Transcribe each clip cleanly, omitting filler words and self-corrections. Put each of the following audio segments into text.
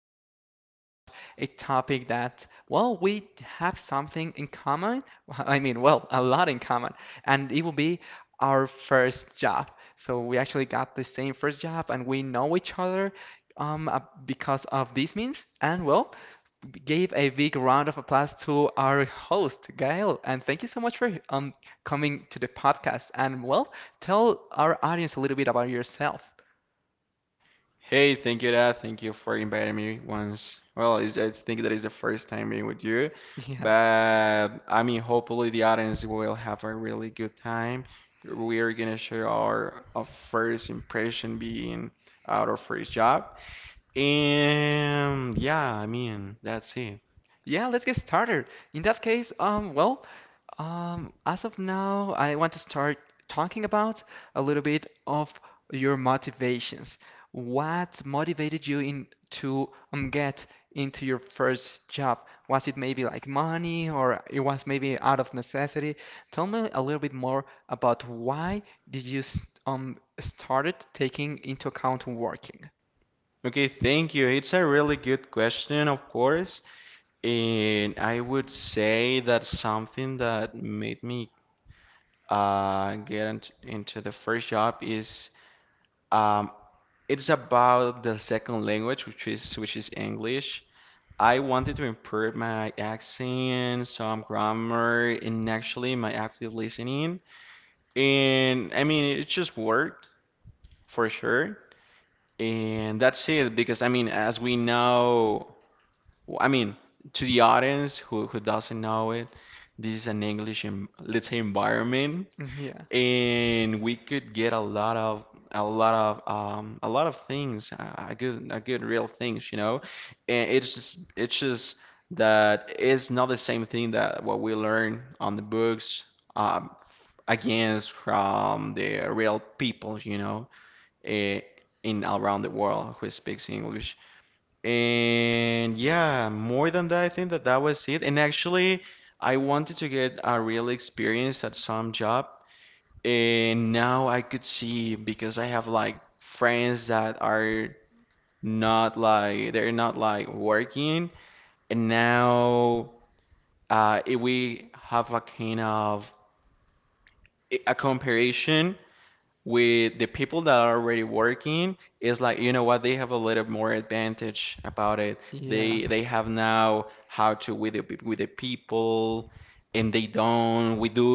as well, we're going to touch a topic that, well, we have something in common. Well, I mean, well, a lot in common, and it will be our first job. So we actually got the same first job, and we know each other um, uh, because of these means. And well, give a big round of applause to our host, Gael. And thank you so much for coming to the podcast. And well, tell our audience a little bit about yourself. Hey, thank you, Dad. Thank you for inviting me once. Well, I think that is the first time being with you, Yeah. but I mean, hopefully the audience will have a really good time. We are gonna share our first impression being out of first job, and yeah, I mean, that's it. Yeah, let's get started. In that case, as of now, I want to start talking about a little bit of your motivations. What motivated you in to get into your first job? Was it maybe like money or it was maybe out of necessity? Tell me a little bit more about why did you started taking into account working? Okay, thank you. It's a really good question, of course, and I would say that something that made me into the first job is um, it's about the second language, which is English. I wanted to improve my accent, some grammar, and actually my active listening. And I mean, it just worked for sure. And that's it because I mean, as we know, I mean, to the audience who doesn't know it, this is an English, let's say, environment. Yeah, And we could get a lot of a lot of things, a good real things, you know. And it's just that it's not the same thing that what we learn on the books, um against from the real people, you know, eh, in around the world who speaks English. And yeah, more than that, I think that that was it. And actually, I wanted to get a real experience at some job. And now I could see because I have like friends that are not like they're not like working. And now if we have a kind of a comparison with the people that are already working, it's like, you know what, they have a little more advantage about it. They yeah, have now how to with with the people and they don't, we do.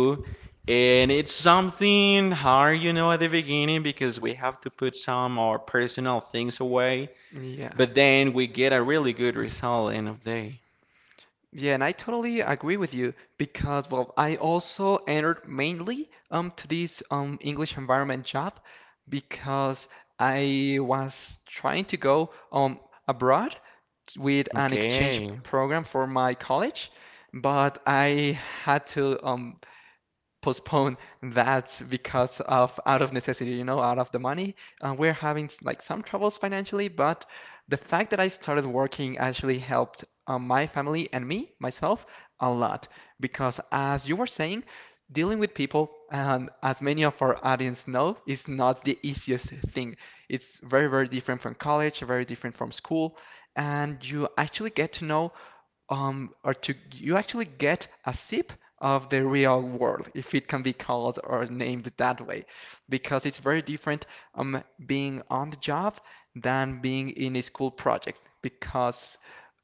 And it's something hard, you know, at the beginning because we have to put some of our personal things away, yeah. but then we get a really good result end of day. Yeah, and I totally agree with you because, well, I also entered mainly to this English environment job because I was trying to go abroad with an exchange Okay. program for my college, but I had to postpone that because of out of necessity, you know, out of the money. We're having like some troubles financially, but the fact that I started working actually helped my family and me, myself, a lot. Because as you were saying, dealing with people, and as many of our audience know, is not the easiest thing. It's very, very different from college, very different from school, and you actually get to know or to you actually get a sip of the real world, if it can be called or named that way, because it's very different being on the job than being in a school project, because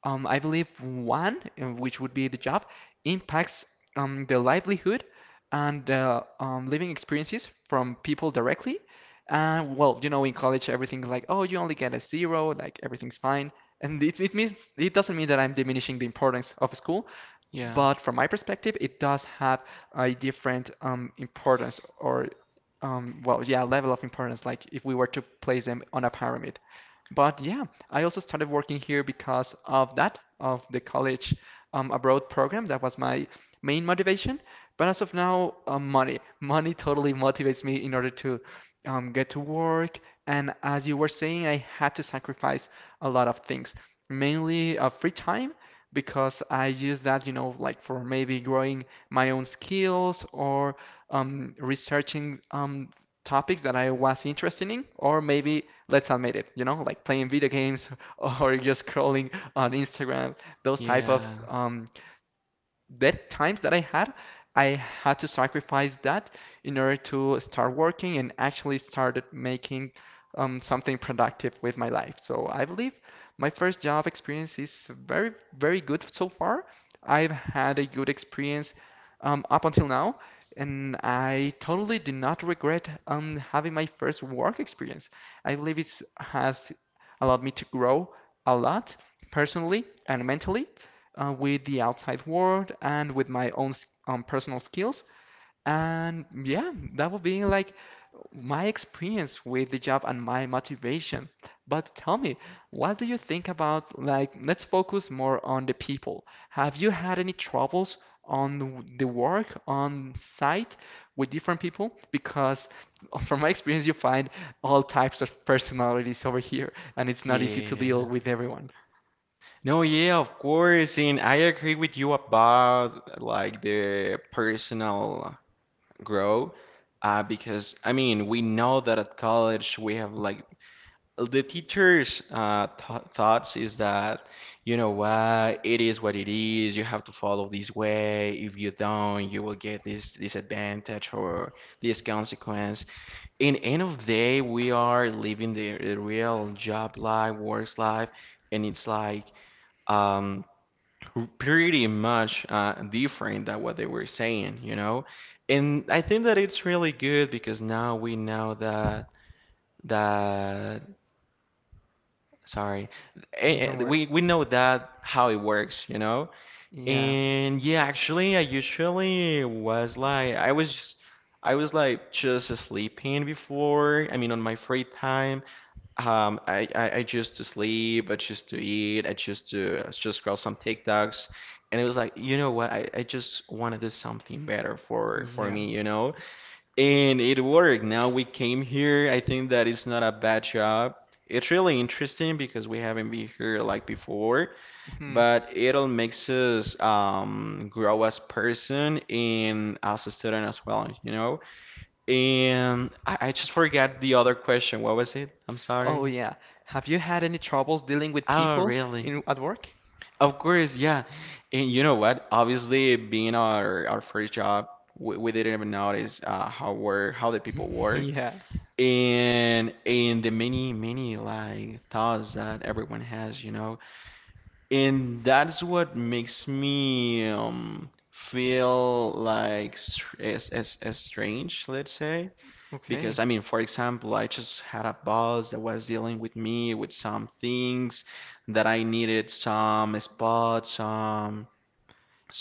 I believe one, which would be the job, impacts the livelihood and living experiences from people directly. And well, you know, in college, everything's like, oh, you only get a zero, like everything's fine and it doesn't mean that I'm diminishing the importance of school. yeah But from my perspective, it does have a different importance or, well, yeah, level of importance, like if we were to place them on a pyramid. But yeah, I also started working here because of that, of the college abroad program. That was my main motivation. But as of now, money. Money totally motivates me in order to get to work. And as you were saying, I had to sacrifice a lot of things, mainly free time because I use that, you know, like for maybe growing my own skills or researching topics that I was interested in, or maybe let's admit it, you know, like playing video games or just scrolling on Instagram, those type of yeah that times that I had to sacrifice that in order to start working and actually started making something productive with my life. So I believe my first job experience is very, very good so far. I've had a good experience up until now, and I totally do not regret having my first work experience. I believe it has allowed me to grow a lot personally and mentally, with the outside world and with my own personal skills. And yeah, that would be like my experience with the job and my motivation. But tell me, what do you think about like let's focus more on the people. Have you had any troubles on the work on site with different people? Because from my experience, you find all types of personalities over here, and it's not easy to deal yeah with everyone. No, yeah, of course, and I agree with you about like the personal growth, because I mean we know that at college we have like the teachers' th thoughts is that, you know what, it is what it is. You have to follow this way. If you don't, you will get this disadvantage or this consequence. In end of day, we are living the real job life, work life, and it's like um pretty much different than what they were saying, you know? And I think that it's really good because now we know that that sorry, Don't worry. We know that how it works, you know? Yeah, And yeah, actually, I usually was like I was like just sleeping before, I mean on my free time, I choose to sleep, I choose to eat, I choose to I just scroll some TikToks. And it was like, you know what? I just want to do something better for yeah. me, you know? And it worked. Now we came here. I think that it's not a bad job. It's really interesting because we haven't been here like before, Hmm. but it'll makes us grow as person and as a student as well, you know? And I just forgot the other question. What was it? I'm sorry. Oh yeah. Have you had any troubles dealing with Oh, people really? in at work? Of course, yeah. And you know what? Obviously, being our first job, we didn't even notice how the people work Yeah. and the many like thoughts that everyone has, you know. And that's what makes me feel like as strange, let's say, because, Okay. I mean, for example, I just had a boss that was dealing with me with some things that I needed some spot,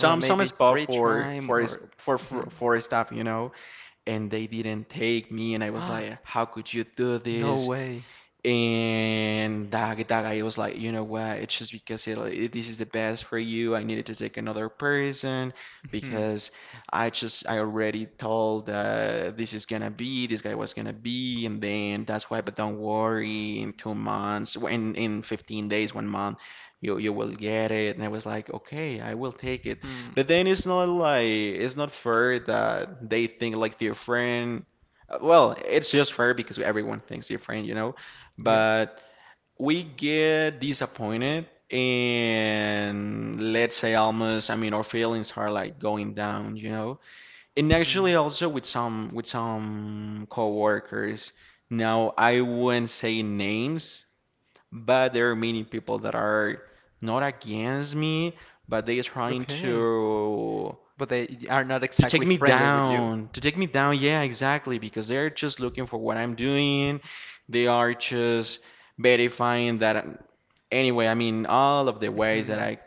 Like some maybe spot free for time or Mhm. for stuff, you know, and they didn't take me, and I was like, how could you do No this? way. And that guy was like, you know what? It's just because this is the best for you. I needed to take another person Mhm. because I already told, this is gonna be this guy was gonna be, And then that's why. But don't worry, in 2 months, in 15 days, 1 month, you will get it. And I was like, okay, I will take it. Hmm. But then it's not like it's not fair that they think like their friend. Well, it's just fair because everyone thinks different, you know, Yeah. but we get disappointed and let's say almost, I mean, our feelings are like going down, you know. And actually Hmm. also with some coworkers. Now I wouldn't say names, but there are many people that are not against me, but they are trying Okay. to But they are not exactly friendly with you. To take me down. Yeah, exactly, because they're just looking for what I'm doing. They are just verifying that. Anyway, I mean, all of the ways that Mhm. I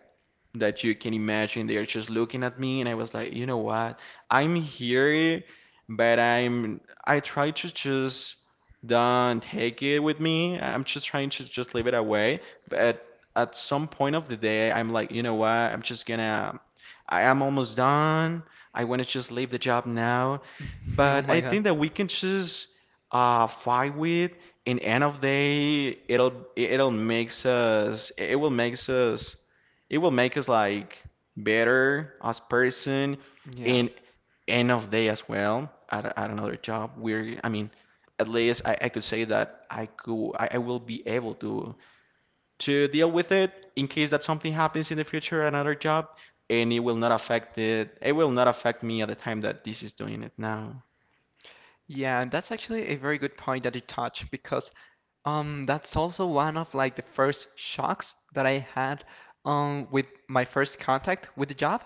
that you can imagine they're just looking at me and I was like, you know what? I'm here, but I try to just don't take it with me. I'm just trying to just leave it away. But at some point of the day, I'm like, you know what? I'm just gonna I am almost done. I want to just leave the job now. Oh But my I God. think that we can just fight with, and end of day it will make us like better as person Yeah. in end of day as well at, another job we're. I mean, at least, I could say that I will be able to deal with it in case that something happens in the future at another job, and it will not affect me at the time that this is doing it now. Yeah, and that's actually a very good point that you touched because that's also one of like the first shocks that I had with my first contact with the job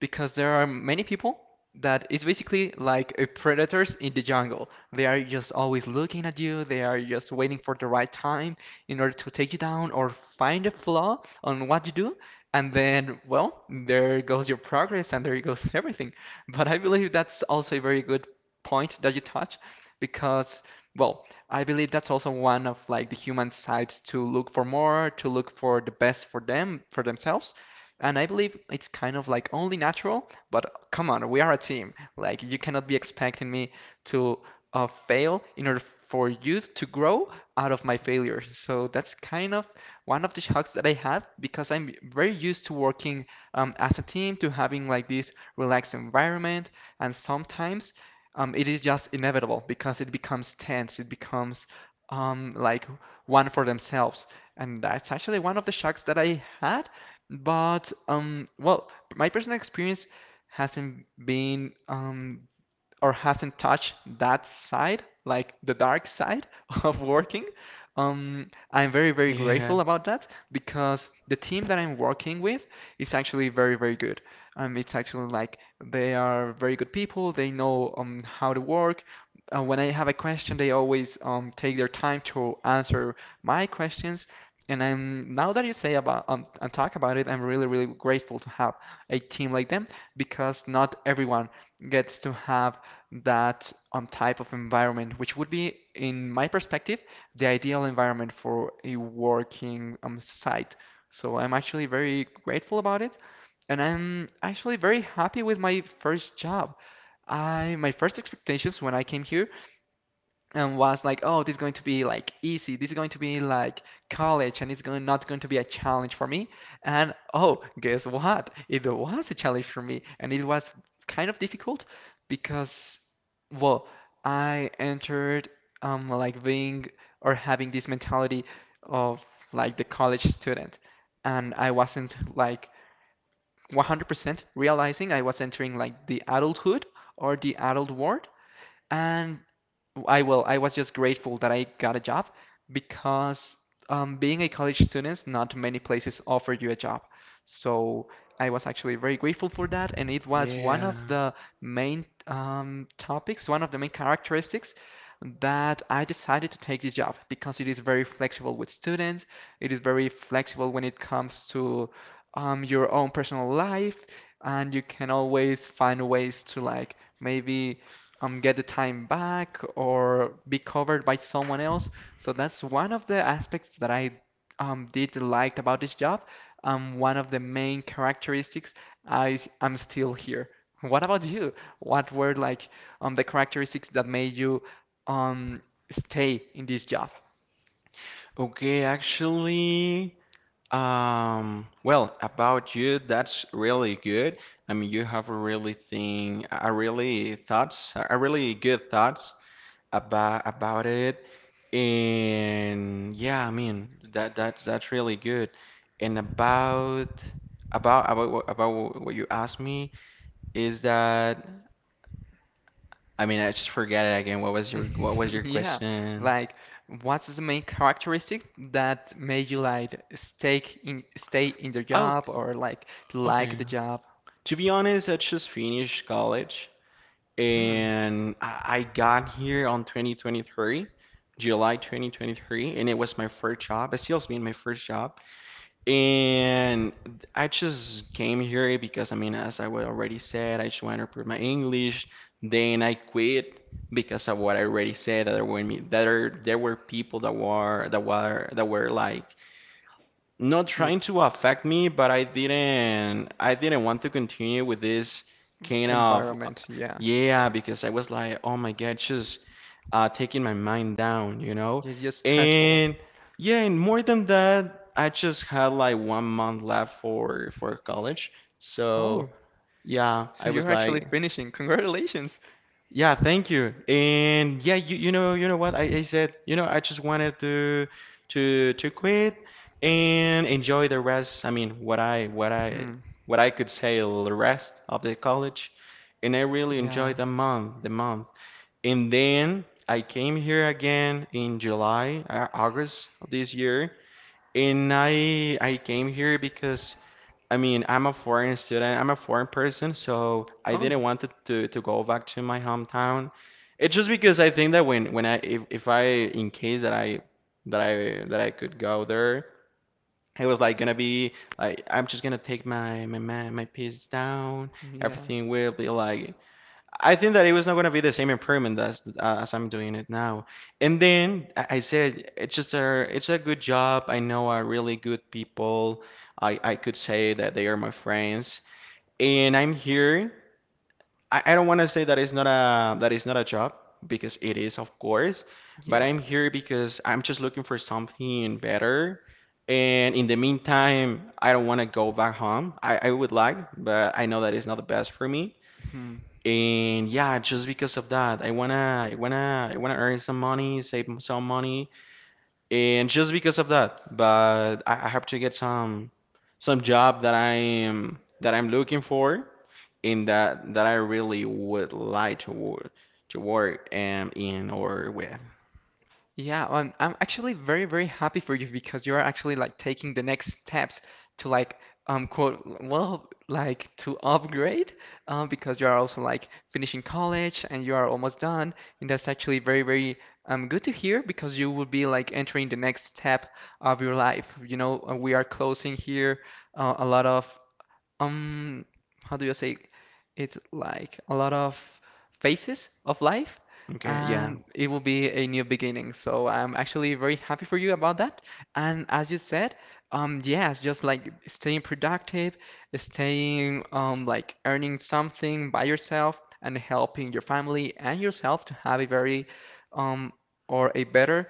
because there are many people that is basically like a predators in the jungle. They are just always looking at you. They are just waiting for the right time in order to take you down or find a flaw on what you do. And then, well, there goes your progress and there goes everything. But I believe that's also a very good point that you touch because well I believe that's also one of like the human sides to look for more, to look for the best for them, for themselves, and I believe it's kind of like only natural. But come on, we are a team. Like you cannot be expecting me to fail in order for you to grow out of my failures. So that's kind of one of the shocks that I have because I'm very used to working as a team, to having like this relaxed environment, and sometimes it is just inevitable because it becomes tense. It becomes like one for themselves, and that's actually one of the shocks that I had. But well, my personal experience hasn't been or hasn't touched that side, like the dark side of working. I'm very, very Yeah. grateful about that because the team that I'm working with is actually very, very good. It's actually like they are very good people. They know how to work. When I have a question, they always take their time to answer my questions. And I'm now that you say about and talk about it, I'm really, really grateful to have a team like them because not everyone gets to have that type of environment, which would be, in my perspective, the ideal environment for a working site. So I'm actually very grateful about it, and I'm actually very happy with my first job. I My first expectations when I came here and was like, oh, this is going to be like easy. This is going to be like college, and it's going not going to be a challenge for me. And oh, guess what? It was a challenge for me, and it was kind of difficult because, well, I entered like being or having this mentality of like the college student, and I wasn't like 100% realizing I was entering like the adulthood or the adult world. And I will. I was just grateful that I got a job because being a college student, not many places offer you a job. So I was actually very grateful for that, and it was one of Yeah. the main topics, one of the main characteristics that I decided to take this job because it is very flexible with students. It is very flexible when it comes to your own personal life, and you can always find ways to like maybe get the time back or be covered by someone else. So that's one of the aspects that I did like about this job. One of the main characteristics I am still here. What about you? What were like the characteristics that made you um, stay in this job? Okay, actually, um, well, about you, that's really good. I mean, you have a really thing, a really thoughts, a really good thoughts about it. And yeah, I mean, that's really good. And about about what you asked me is that, I mean, I just forgot it again. What was your Yeah, question? like what's the main characteristic that made you like stay in the Oh, job or like okay. the job? To be honest, I just finished college, Hmm. and I got here on 2023, July 2023, and it was my first job. It still has been my first job, and I just came here because I mean, as already said, I just want to improve my English. Then I quit because of what I already said, that there were me that are, there were people that were that were that were like not trying Yes. to affect me, but I didn't want to continue with this kind of. Environment. Yeah, Yeah, because I was like, oh my God, just taking my mind down, you know? you're just stressful. And yeah, and more than that, I just had like 1 month left for college. So Oh, yeah, so I was you're actually like, finishing. Congratulations. yeah, thank you. And yeah, you know what? I said, you know, I just wanted to to quit and enjoy the rest. I mean, Hmm. what I could say the rest of the college. And I really Yeah. enjoyed the month. And then I came here again in July, August of this year. And I came here because, I mean, I'm a foreign student. I'm a foreign person, so I didn't Oh. want to, to go back to my hometown. It's just because I think that when I if I in case that I that I that I could go there, it was like gonna be like I'm just gonna take my my piece down. Yeah. Everything will be like I think that it was not going to be the same improvement as I'm doing it now. And then I said, it's just a it's a good job. I know are really good people. I could say that they are my friends, and I'm here. I don't want to say that it's not a that it's not a job because it is of course, but Yeah. I'm here because I'm just looking for something better. And in the meantime, I don't want to go back home. I would like, but I know that it's not the best for me. Hmm. And yeah, just because of that, I wanna earn some money, save some money, and just because of that. But I have to get some job that that I'm looking for, and that I really would like to work, to work, in or with. Yeah, I'm actually very, very happy for you because you are actually like taking the next steps to like quote, well, like to upgrade because you are also like finishing college and you are almost done, and that's actually very, very good to hear because you will be like entering the next step of your life. You know, we are closing here a lot of um how do you say, it's like a lot of phases of life, Okay, yeah, and it will be a new beginning, so I'm actually very happy for you about that. And as you said, yes, just like staying productive, staying like earning something by yourself and helping your family and yourself to have a very um or a better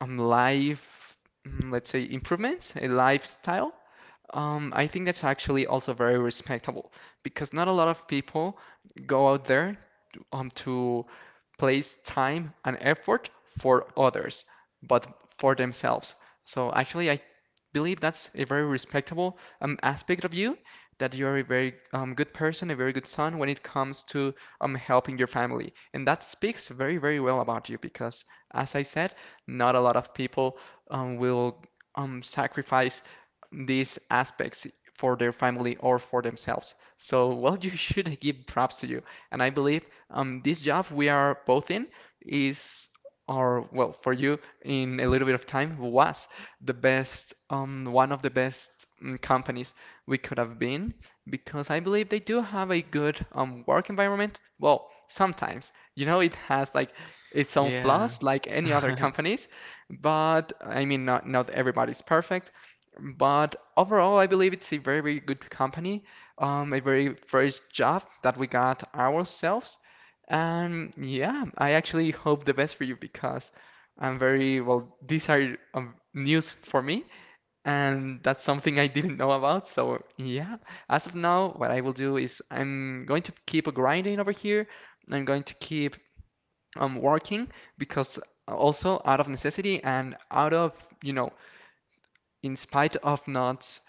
life, mm, let's say improvements, a lifestyle, I think that's actually also very respectable because not a lot of people go out there to place time and effort for others, but for themselves. So actually, I believe that's a very respectable aspect of you, that you're a very good person, a very good son when it comes to helping your family. And that speaks very, very well about you because, as I said, not a lot of people will sacrifice these aspects for their family or for themselves. So, well, you should give props to you. And I believe this job we are both in is, or well, for you in a little bit of time was the best, one of the best companies we could have been because I believe they do have a good work environment. Well, sometimes, it has like its own yeah, flaws like any other companies, but I mean, not everybody's perfect. But overall, I believe it's a very, very good company, a very first job that we got ourselves. And yeah, I actually hope the best for you because I'm very, well, these are news for me, and that's something I didn't know about. So yeah, as of now, what I will do is I'm going to keep grinding over here. I'm going to keep working because also out of necessity and out of, you know, in spite of not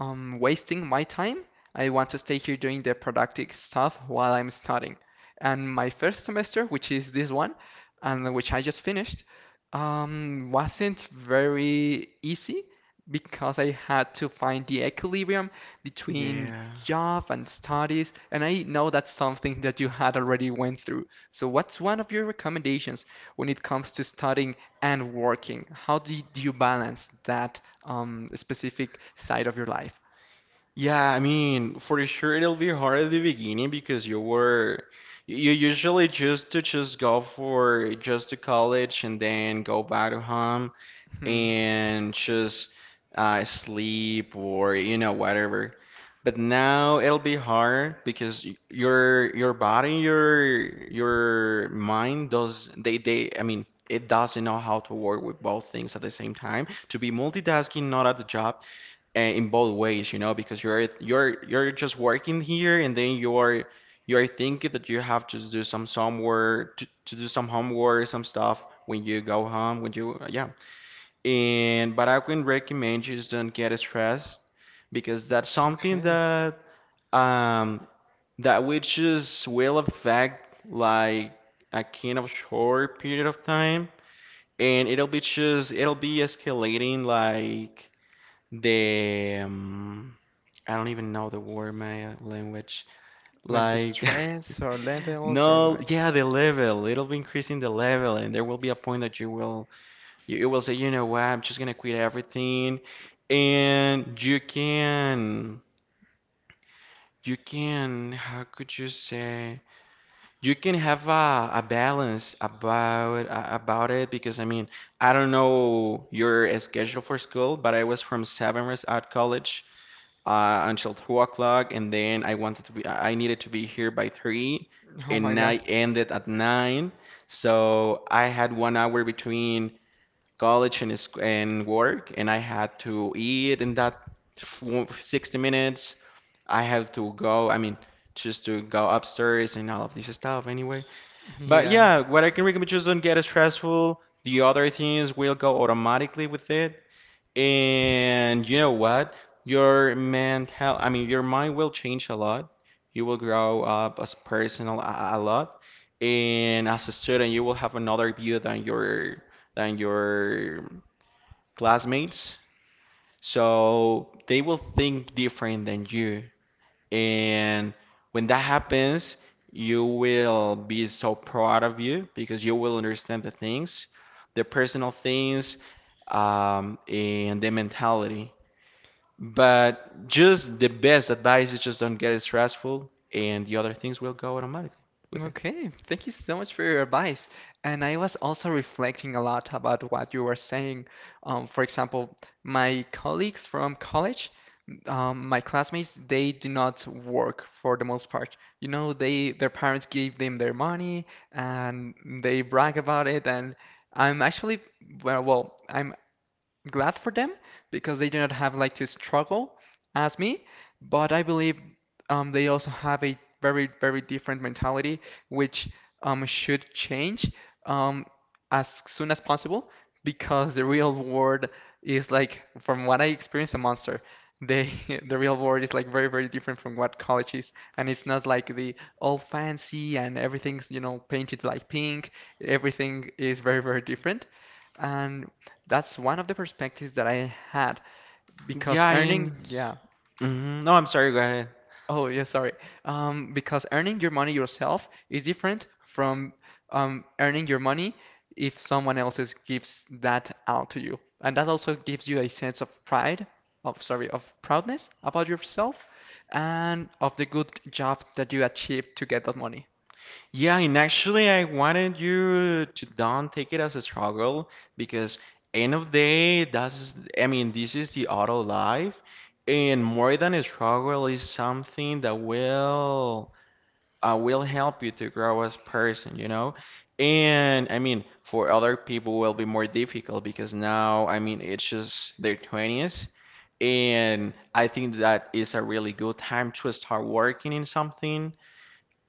wasting my time. I want to stay here doing the productive stuff while I'm studying. And my first semester, which is this one, and which I just finished, wasn't very easy because I had to find the equilibrium between yeah. job and studies. And I know that's something that you had already went through. So what's one of your recommendations when it comes to studying and working? How do you balance that specific side of your life. Yeah, I mean, for sure it'll be hard at the beginning because you usually choose to just go for just to college and then go back to home Hmm. and just sleep or you know whatever. But now it'll be hard because your body, your mind does they I mean it doesn't know how to work with both things at the same time. To be multitasking, not at the job in both ways, you know, because you're just working here and then you're thinking that you have to do somewhere to do some homework, some stuff when you go home, when you yeah. And but I can recommend you just don't get stressed because that's something Okay. that um that which is will affect like a kind of short period of time, and it'll be just it'll be escalating like the I don't even know the word in my language Like the like stress or levels or no like yeah the level. It'll be increasing the level, and there will be a point that you will you will say, you know what, I'm just gonna quit everything. And you can how could you say, you can have a balance about about it. Because I mean, I don't know your schedule for school, but I was from 7 years at college until 2 o'clock, and then I needed to be here by 3, oh my and I God. ended at 9. So I had 1 hour between college and and work, and I had to eat in that 60 minutes. I have to go, I mean, just to go upstairs and all of this stuff anyway. But Yeah. yeah, what I can recommend, just don't get stressful. The other things will go automatically with it. And you know what? Your mental, I mean, your mind will change a lot. You will grow up as personal a lot, and as a student, you will have another view than your classmates. So they will think different than you. And when that happens, you will be so proud of you because you will understand the things, the personal things, and the mentality. But just the best advice is just don't get it stressful, and the other things will go automatically with it. Okay. Thank you so much for your advice. And I was also reflecting a lot about what you were saying. For example, my colleagues from college, my classmates, they do not work for the most part. You know, they their parents give them their money and they brag about it and I'm actually well, well, I'm glad for them because they do not have like to struggle as me. But I believe they also have a very, very different mentality, which should change um, as soon as possible because the real world is like, from what I experienced, a monster. They, the real world is like very, very different from what college is, and it's not like the all fancy and everything's, you know, painted like pink. Everything is very, very different. And that's one of the perspectives that I had because Yeah, and earning, yeah. mhm, no, I'm sorry, go ahead. Oh, yeah, sorry. Because earning your money yourself is different from earning your money if someone else is, gives that out to you. And that also gives you a sense of pride, of sorry, of proudness about yourself and of the good job that you achieved to get that money. Yeah, and actually, I wanted you to don't take it as a struggle because end of day, that's, I mean, this is the auto life, and more than a struggle is something that will help you to grow as person, you know? And I mean, for other people will be more difficult because now, I mean, it's just their 20s. And I think that is a really good time to start working in something.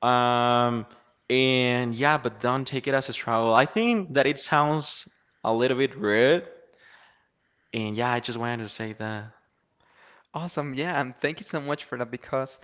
Um, and yeah, but don't take it as a struggle. I think that it sounds a little bit rude. And yeah, I just wanted to say that. Awesome. Yeah, and thank you so much for that because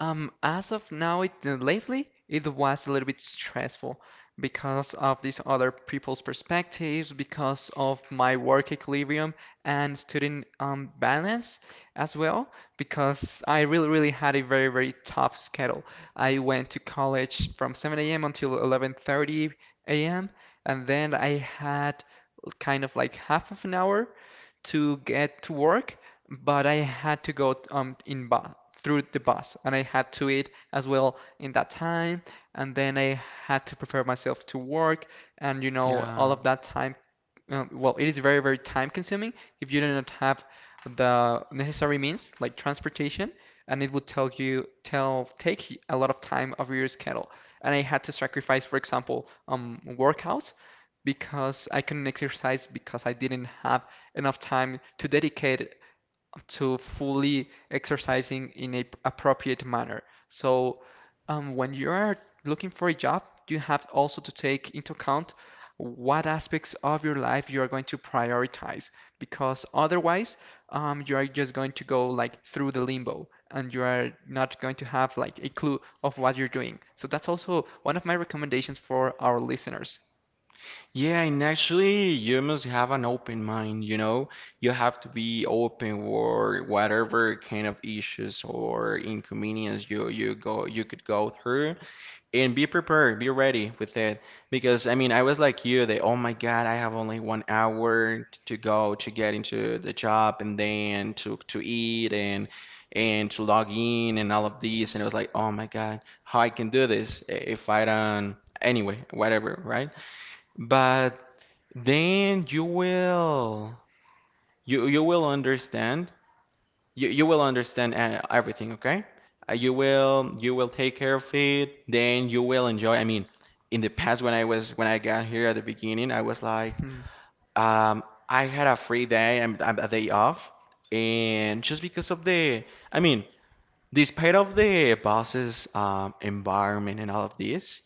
as of now it lately it was a little bit stressful because of these other people's perspectives, because of my work equilibrium and student balance as well, because I really really had a very very tough schedule. I went to college from 7 a.m. until 11:30 a.m. and then I had kind of like half of an hour to get to work but I had to go in bus through the bus and I had to eat as well in that time and then I had to prepare myself to work and you know Yeah. all of that time well it is very very time consuming if you do not have the necessary means like transportation and it would tell you tell take a lot of time of your schedule and I had to sacrifice for example workouts because I couldn't exercise because I didn't have enough time to dedicate to fully exercising in a appropriate manner. So when you are looking for a job, you have also to take into account what aspects of your life you are going to prioritize, because otherwise, you are just going to go like through the limbo and you are not going to have like a clue of what you're doing. So that's also one of my recommendations for our listeners. Yeah, and actually, you must have an open mind, you know? You have to be open for whatever kind of issues or inconvenience you could go through and be prepared, be ready with it. Because I mean, I was like you, that oh my God, I have only 1 hour to go to get into the job and then to eat and to log in and all of these, and it was like, oh my God, how I can do this eh, if I don't anyway, whatever, right? But then you will understand. You will understand everything, okay? You will take care of it. Then you will enjoy. I mean, in the past when I was when I got here at the beginning, I was like, Mhm. um, I had a free day. I'm a day off, and just because of the, I mean, despite of the boss's environment and all of this,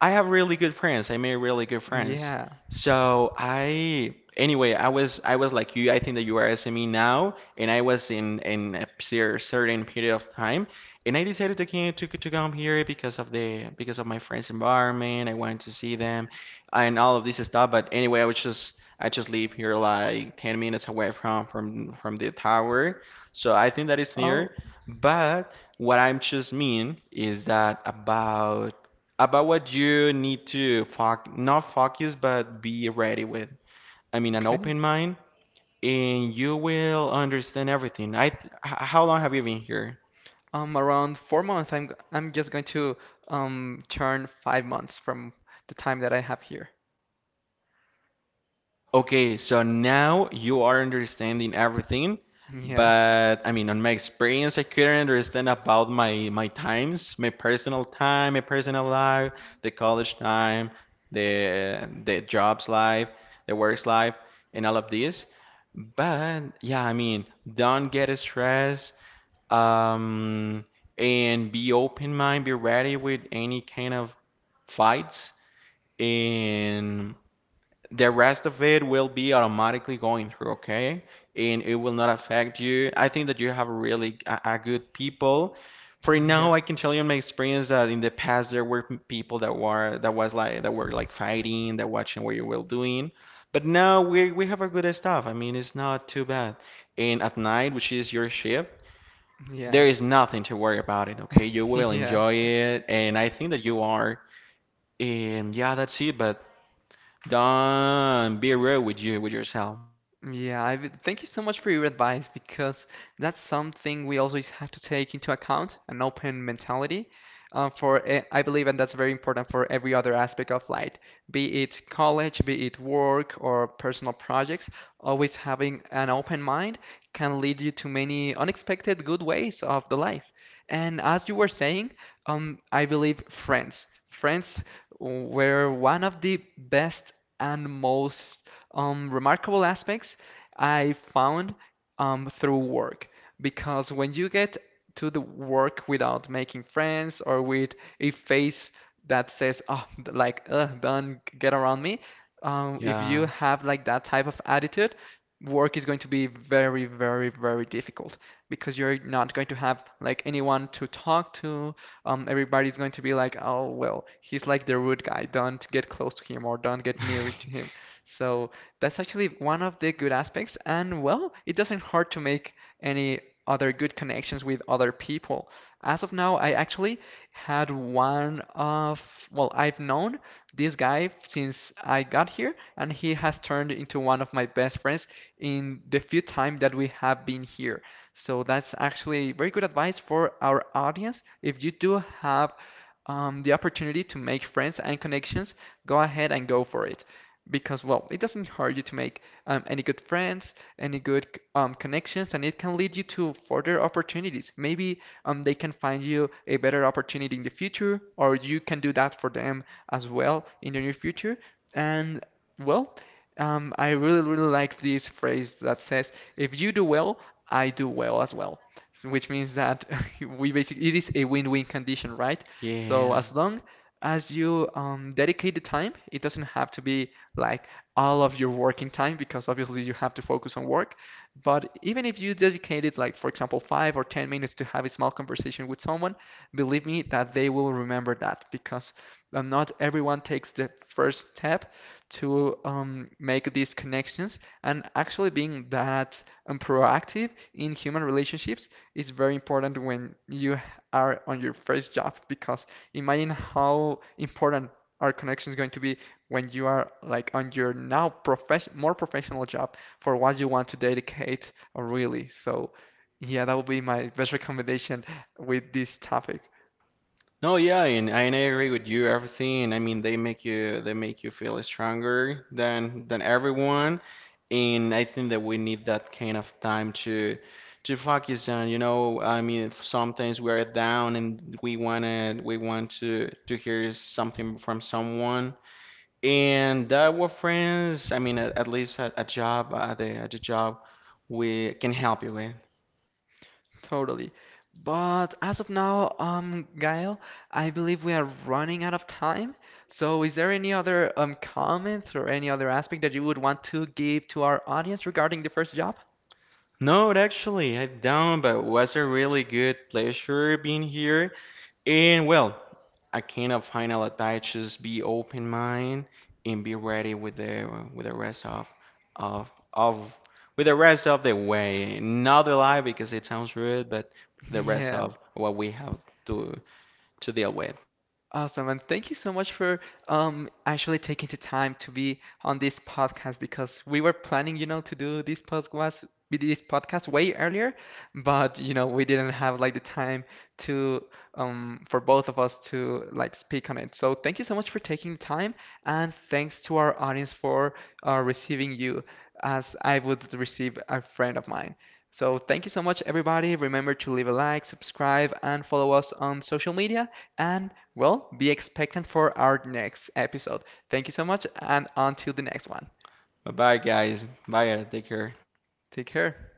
I have really good friends. I made really good friends. Yeah. So I, anyway, I was like you. I think that you are SME now, and I was in a certain period of time, and I decided to come here because of the because of my friends' environment. I wanted to see them, and all of this stuff. But anyway, I just live here like 10 minutes away from from the tower, so I think that it's near. Oh, But what I'm just mean is that about what you need to foc not focus, but be ready with. I mean, an okay. open mind, and you will understand everything. I how long have you been here? Around 4 months, I'm just going to turn 5 months from the time that I have here. Okay, so now you are understanding everything, Yeah, but I mean, on my experience, I couldn't understand about my times, my personal time, my personal life, the college time, the jobs life, the works life, and all of this. But yeah, I mean, don't get stressed, um, and be open mind, be ready with any kind of fights, and the rest of it will be automatically going through, okay? And it will not affect you. I think that you have really a good people. For yeah, now, I can tell you in my experience that in the past there were people that were that was like that were like fighting, that watching what you were doing. But now we have a good staff. I mean, it's not too bad. And at night, which is your shift, yeah, there is nothing to worry about it, okay? You will yeah. enjoy it, and I think that you are. And yeah, that's it. But don't be real with you with yourself. Yeah, thank you so much for your advice because that's something we always have to take into account, an open mentality. I believe, and that's very important for every other aspect of life, be it college, be it work or personal projects. Always having an open mind can lead you to many unexpected good ways of the life. And as you were saying, I believe friends were one of the best and most remarkable aspects I found through work. Because when you get to the work without making friends or with a face that says, oh, like, ugh, don't get around me, if you Yeah. have like that type of attitude, work is going to be very, very, very difficult because you're not going to have like anyone to talk to. Everybody's going to be like, oh, well, he's like the rude guy. Don't get close to him or don't get near to him. So that's actually one of the good aspects. And well, it doesn't hurt to make any other good connections with other people. As of now, I actually had one of, well, I've known this guy since I got here, and he has turned into one of my best friends in the few time that we have been here. So that's actually very good advice for our audience. If you do have the opportunity to make friends and connections, go ahead and go for it because well it doesn't hurt you to make any good friends any good connections and it can lead you to further opportunities maybe they can find you a better opportunity in the future or you can do that for them as well in the near future and well I really really like this phrase that says if you do well I do well as well. So which means that we basically it is a win-win condition right so Yeah. as long as you dedicate the time, it doesn't have to be like all of your working time because obviously you have to focus on work. But even if you dedicated, like, for example, five or 10 minutes to have a small conversation with someone, believe me that they will remember that because not everyone takes the first step to make these connections. And actually, being that proactive in human relationships is very important when you are on your first job because imagine how important our connection is going to be when you are like on your now profession more professional job for what you want to dedicate really. So yeah, that would be my best recommendation with this topic. No, yeah, and I agree with you. Everything. I mean, they make you feel stronger than everyone, and I think that we need that kind of time to focus on. You know, I mean, sometimes we are down and we wanna we want to hear something from someone, and that we friends, I mean, at least at a job, at the job, we can help you with. Totally. But as of now, Gael, I believe we are running out of time. So is there any other comments or any other aspect that you would want to give to our audience regarding the first job? No, actually, I don't, but it was a really good pleasure being here. And well, I kind of final advice just be open mind and be ready with the rest of of of with the rest of the way. Not the lie because it sounds rude, but the rest Yeah. of what we have to deal with. Awesome, and thank you so much for actually taking the time to be on this podcast because we were planning, you know, to do this podcast way earlier, but you know, we didn't have like the time to for both of us to like speak on it. So thank you so much for taking the time, and thanks to our audience for receiving you as I would receive a friend of mine. So thank you so much, everybody. Remember to leave a like, subscribe, and follow us on social media. And well, be expectant for our next episode. Thank you so much, and until the next one. Bye bye guys. Bye, Ed. Take care. Take care.